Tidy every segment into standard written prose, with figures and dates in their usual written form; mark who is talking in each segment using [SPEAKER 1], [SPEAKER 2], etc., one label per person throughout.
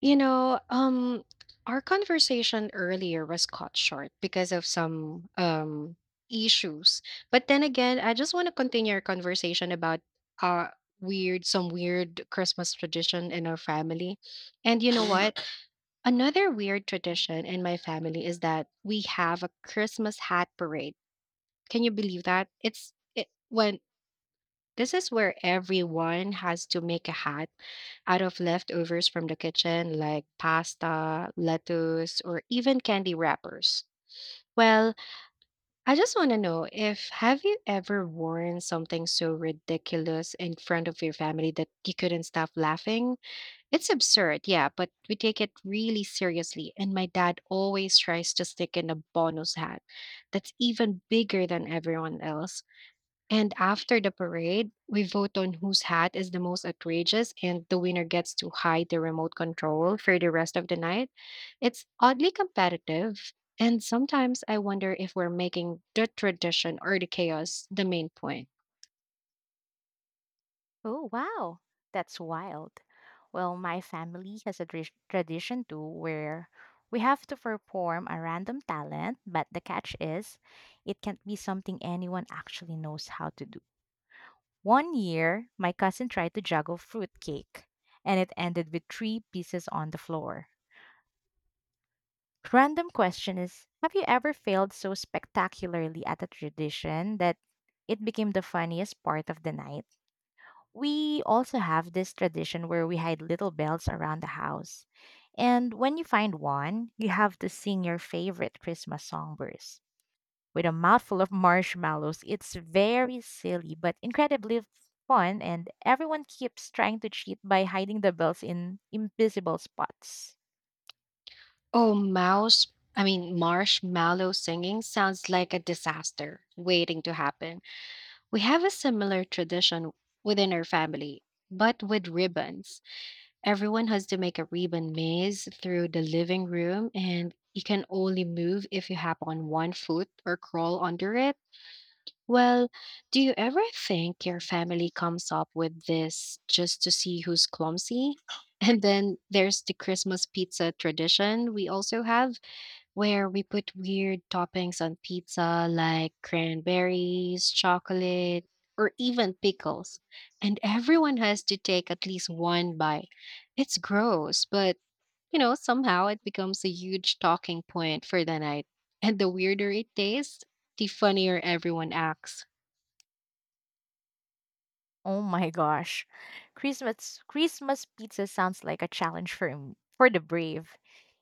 [SPEAKER 1] You know, um, our conversation earlier was cut short because of some issues. But then again, I just want to continue our conversation about uh weird some weird Christmas tradition in our family. And you know Mm. What? Another weird tradition in my family is that we have a Christmas hat parade. Can you believe that? When this is where everyone has to make a hat out of leftovers from the kitchen, like pasta, lettuce, or even candy wrappers. Well, I just want to know if have you ever worn something so ridiculous in front of your family that you couldn't stop laughing? It's absurd, yeah, but we take it really seriously, and my dad always tries to stick in a bonus hat that's even bigger than everyone else. And after the parade, we vote on whose hat is the most outrageous, and the winner gets to hide the remote control for the rest of the night. It's oddly competitive. And sometimes I wonder if we're making the tradition or the chaos the main point.
[SPEAKER 2] Oh, wow. That's wild. Well, my family has a tradition too, where we have to perform a random talent, but the catch is it can't be something anyone actually knows how to do. 1 year, my cousin tried to juggle fruitcake, and it ended with three pieces on the floor. Random question is, have you ever failed so spectacularly at a tradition that it became the funniest part of the night? We also have this tradition where we hide little bells around the house. And when you find one, you have to sing your favorite Christmas song verse with a mouthful of marshmallows. It's very silly but incredibly fun, and everyone keeps trying to cheat by hiding the bells in invisible spots.
[SPEAKER 1] Oh, mouse, I mean, marshmallow singing sounds like a disaster waiting to happen. We have a similar tradition within our family, but with ribbons. Everyone has to make a ribbon maze through the living room, and you can only move if you hop on one foot or crawl under it. Well, do you ever think your family comes up with this just to see who's clumsy? And then there's the Christmas pizza tradition we also have where we put weird toppings on pizza like cranberries, chocolate, or even pickles. And everyone has to take at least one bite. It's gross, but you know, somehow it becomes a huge talking point for the night. And the weirder it tastes, the funnier everyone acts.
[SPEAKER 2] Oh my gosh. Christmas pizza sounds like a challenge for for the brave.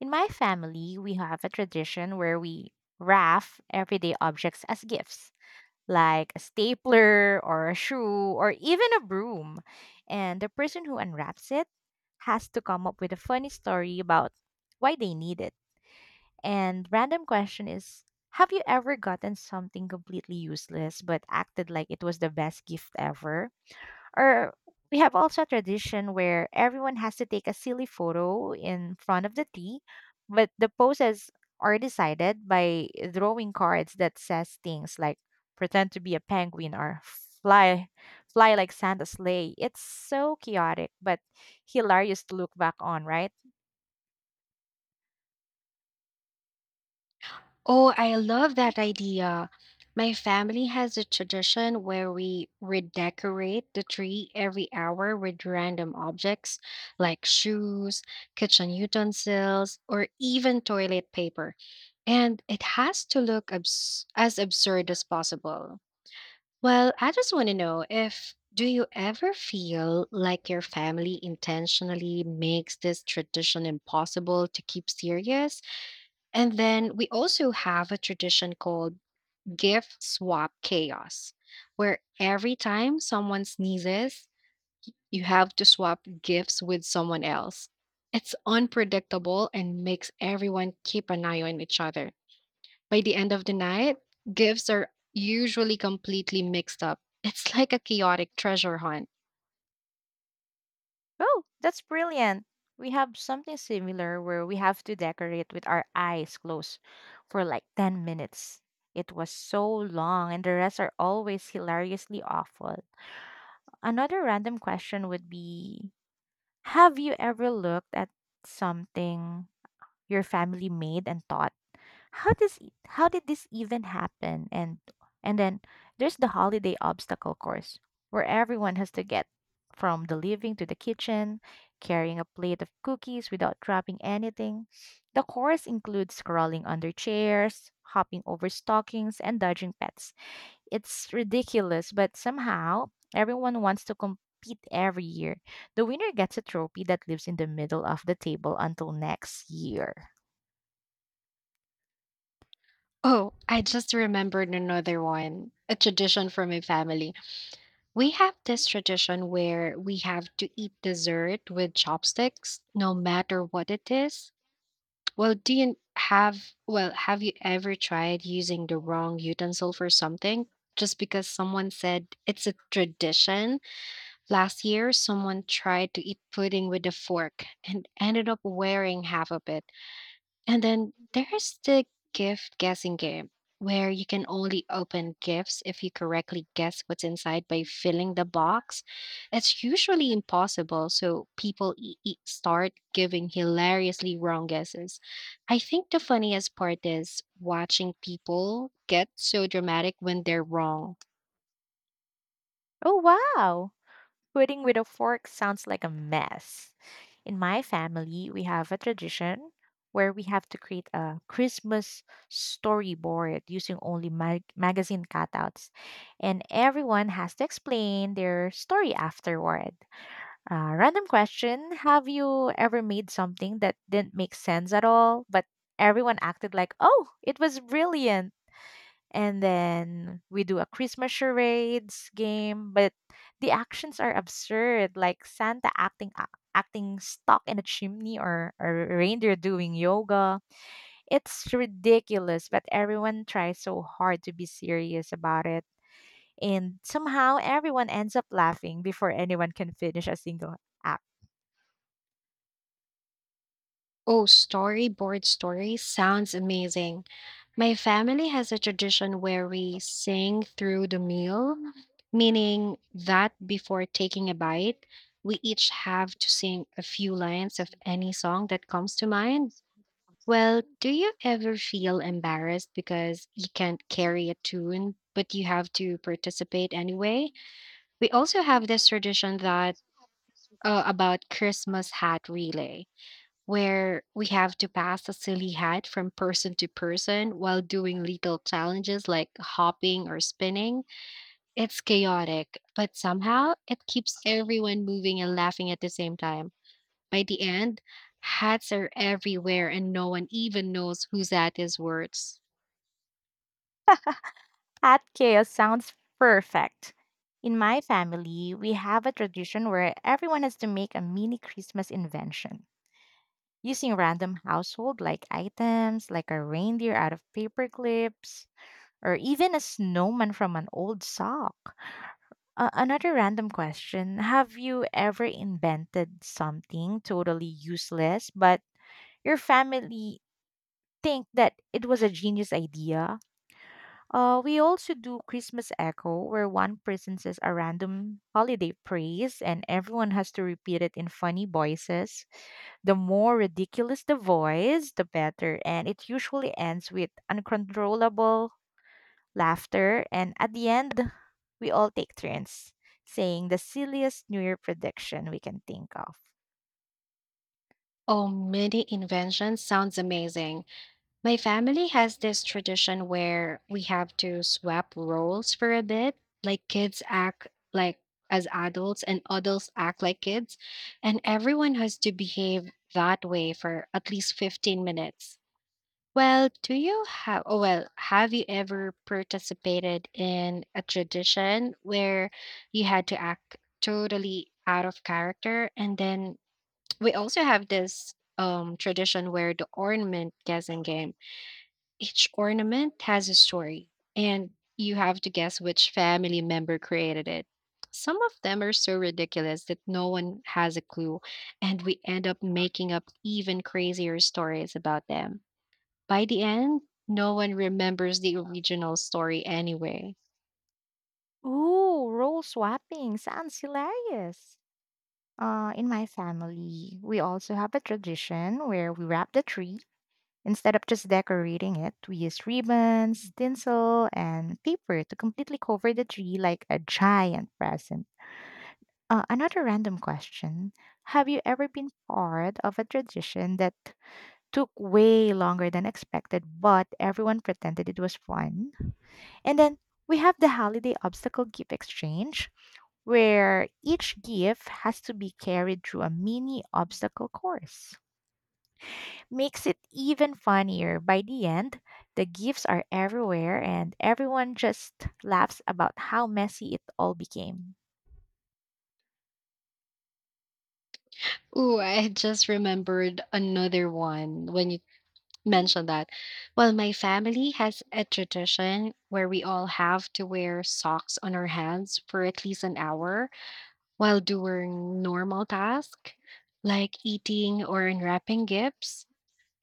[SPEAKER 2] In my family, we have a tradition where we wrap everyday objects as gifts, like a stapler or a shoe or even a broom. And the person who unwraps it has to come up with a funny story about why they need it. And random question is, have you ever gotten something completely useless but acted like it was the best gift ever? Or, we have also a tradition where everyone has to take a silly photo in front of the tea, but the poses are decided by drawing cards that says things like pretend to be a penguin or fly fly like Santa's sleigh. It's so chaotic but hilarious to look back on, right?
[SPEAKER 1] Oh, I love that idea. My family has a tradition where we redecorate the tree every hour with random objects like shoes, kitchen utensils, or even toilet paper. And it has to look as absurd as possible. Well, I just want to know if do you ever feel like your family intentionally makes this tradition impossible to keep serious? And then we also have a tradition called gift swap chaos, where every time someone sneezes, you have to swap gifts with someone else. It's unpredictable and makes everyone keep an eye on each other. By the end of the night, gifts are usually completely mixed up. It's like a chaotic treasure hunt.
[SPEAKER 2] Oh, that's brilliant. We have something similar where we have to decorate with our eyes closed for like 10 minutes. It was so long, and the rest are always hilariously awful. Another random question would be, have you ever looked at something your family made and thought, how does how did this even happen? And then there's the holiday obstacle course where everyone has to get from the living to the kitchen, carrying a plate of cookies without dropping anything. The course includes crawling under chairs, hopping over stockings, and dodging pets. It's ridiculous, but somehow everyone wants to compete every year. The winner gets a trophy that lives in the middle of the table until next year.
[SPEAKER 1] Oh, I just remembered another one, a tradition from my family. We have this tradition where we have to eat dessert with chopsticks, no matter what it is. Well, have you ever tried using the wrong utensil for something? Just because someone said it's a tradition. Last year, someone tried to eat pudding with a fork and ended up wearing half of it. And then there's the gift guessing game, where you can only open gifts if you correctly guess what's inside by filling the box. It's usually impossible, so people start giving hilariously wrong guesses. I think the funniest part is watching people get so dramatic when they're wrong.
[SPEAKER 2] Oh, wow! Pudding with a fork sounds like a mess. In my family, we have a tradition where we have to create a Christmas storyboard using only magazine cutouts, and everyone has to explain their story afterward. Random question: have you ever made something that didn't make sense at all, but everyone acted like, oh, it was brilliant? And then we do a Christmas charades game. But the actions are absurd, like Santa acting stuck in a chimney or a reindeer doing yoga. It's ridiculous, but everyone tries so hard to be serious about it, and somehow everyone ends up laughing before anyone can finish a single act.
[SPEAKER 1] Oh, storyboard stories sounds amazing. My family has a tradition where we sing through the meal, meaning that before taking a bite, we each have to sing a few lines of any song that comes to mind. Well, do you ever feel embarrassed because you can't carry a tune, but you have to participate anyway? We also have this tradition that about Christmas hat relay where we have to pass a silly hat from person to person while doing little challenges like hopping or spinning. It's chaotic, but somehow it keeps everyone moving and laughing at the same time. By the end, hats are everywhere and no one even knows whose hat is worse.
[SPEAKER 2] At chaos sounds perfect. In my family, we have a tradition where everyone has to make a mini Christmas invention using random household like items, like a reindeer out of paper clips or even a snowman from an old sock. Another random question: have you ever invented something totally useless, but your family think that it was a genius idea? We also do Christmas Echo, where one person says a random holiday praise and everyone has to repeat it in funny voices. The more ridiculous the voice, the better, and it usually ends with uncontrollable laughter. And at the end, we all take turns saying the silliest New Year prediction we can think of.
[SPEAKER 1] Oh, mini invention sounds amazing. My family has this tradition where we have to swap roles for a bit. Like kids act like as adults and adults act like kids, and everyone has to behave that way for at least 15 minutes. Well, do you have oh well, have you ever participated in a tradition where you had to act totally out of character? And then we also have this tradition where the ornament guessing game, each ornament has a story, and you have to guess which family member created it. Some of them are so ridiculous that no one has a clue, and we end up making up even crazier stories about them. By the end, no one remembers the original story anyway.
[SPEAKER 2] Ooh, role swapping sounds hilarious. In my family, we also have a tradition where we wrap the tree. Instead of just decorating it, we use ribbons, tinsel, and paper to completely cover the tree like a giant present. Another random question: have you ever been part of a tradition that took way longer than expected, but everyone pretended it was fun? And then we have the holiday obstacle gift exchange, where each gift has to be carried through a mini obstacle course. Makes it even funnier. By the end, the gifts are everywhere, and everyone just laughs about how messy it all became.
[SPEAKER 1] Ooh, I just remembered another one when you mentioned that. Well, my family has a tradition where we all have to wear socks on our hands for at least an hour while doing normal tasks like eating or unwrapping gifts.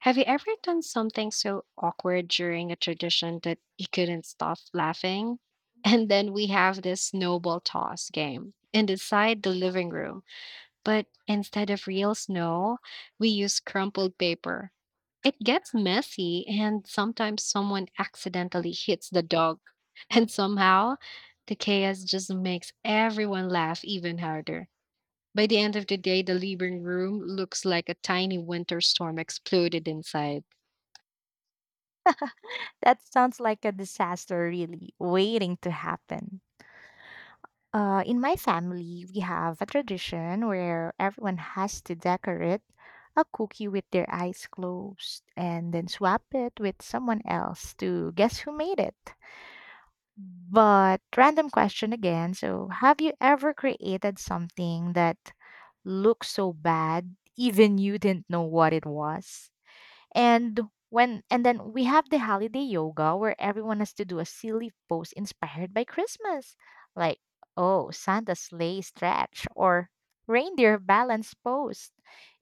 [SPEAKER 1] Have you ever done something so awkward during a tradition that you couldn't stop laughing? And then we have this snowball toss game and inside the living room. But instead of real snow, we use crumpled paper. It gets messy, and sometimes someone accidentally hits the dog. And somehow, the chaos just makes everyone laugh even harder. By the end of the day, the living room looks like a tiny winter storm exploded inside.
[SPEAKER 2] That sounds like a disaster, really, waiting to happen. In my family, we have a tradition where everyone has to decorate a cookie with their eyes closed and then swap it with someone else to guess who made it. But, random question again: so, have you ever created something that looked so bad, even you didn't know what it was? And and then we have the holiday yoga where everyone has to do a silly pose inspired by Christmas. Like, oh, Santa sleigh stretch or reindeer balance pose.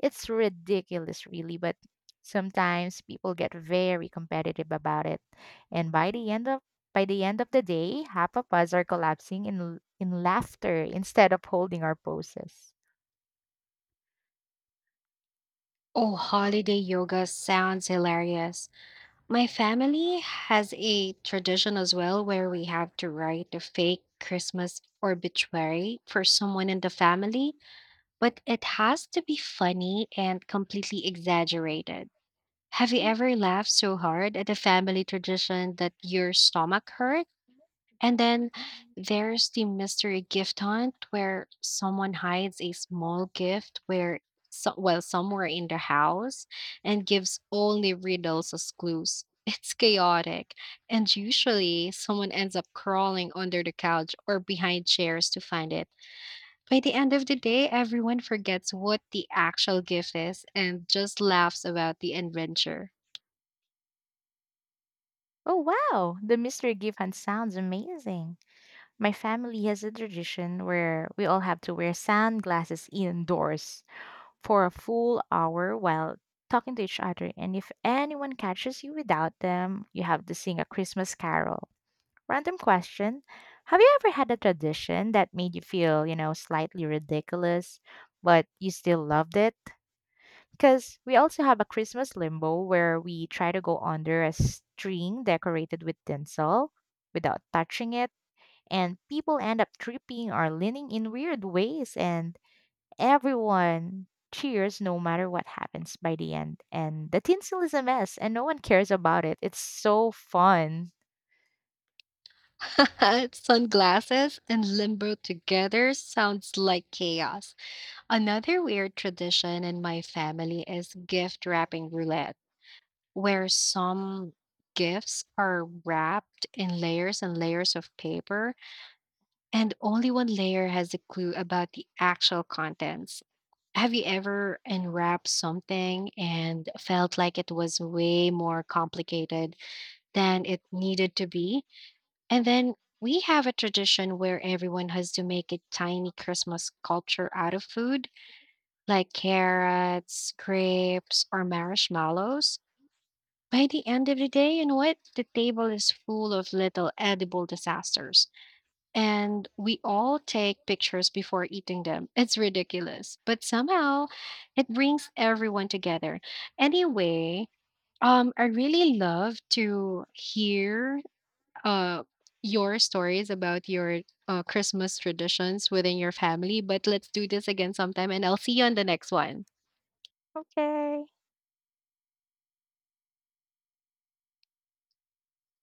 [SPEAKER 2] It's ridiculous really, but sometimes people get very competitive about it. And by the end of the day, half of us are collapsing in in laughter instead of holding our poses.
[SPEAKER 1] Oh, holiday yoga sounds hilarious. My family has a tradition as well where we have to write a fake Christmas obituary for someone in the family, but it has to be funny and completely exaggerated. Have you ever laughed so hard at a family tradition that your stomach hurt? And then there's the mystery gift hunt where someone hides a small gift where so, well somewhere in the house and gives only riddles as clues. It's chaotic, and usually someone ends up crawling under the couch or behind chairs to find it. By the end of the day, everyone forgets what the actual gift is and just laughs about the adventure.
[SPEAKER 2] Oh wow, the mystery gift hunt sounds amazing. My family has a tradition where we all have to wear sunglasses indoors for a full hour while talking to each other. And if anyone catches you without them, you have to sing a Christmas carol. Random question: have you ever had a tradition that made you feel, you know, slightly ridiculous, but you still loved it? Because we also have a Christmas limbo where we try to go under a string decorated with tinsel without touching it, and people end up tripping or leaning in weird ways, and everyone cheers no matter what happens. By the end, and the tinsel is a mess and no one cares about it. It's so fun.
[SPEAKER 1] Sunglasses and limbo together sounds like chaos. Another weird tradition in my family is gift wrapping roulette, where some gifts are wrapped in layers and layers of paper, and only one layer has a clue about the actual contents. Have you ever unwrapped something and felt like it was way more complicated than it needed to be? And then we have a tradition where everyone has to make a tiny Christmas sculpture out of food like carrots, grapes, or marshmallows. By the end of the day, you know what? The table is full of little edible disasters. And we all take pictures before eating them. It's ridiculous. But somehow it brings everyone together. Anyway, I really love to hear uh your stories about your Christmas traditions within your family. But let's do this again sometime and I'll see you on the next one.
[SPEAKER 2] Okay.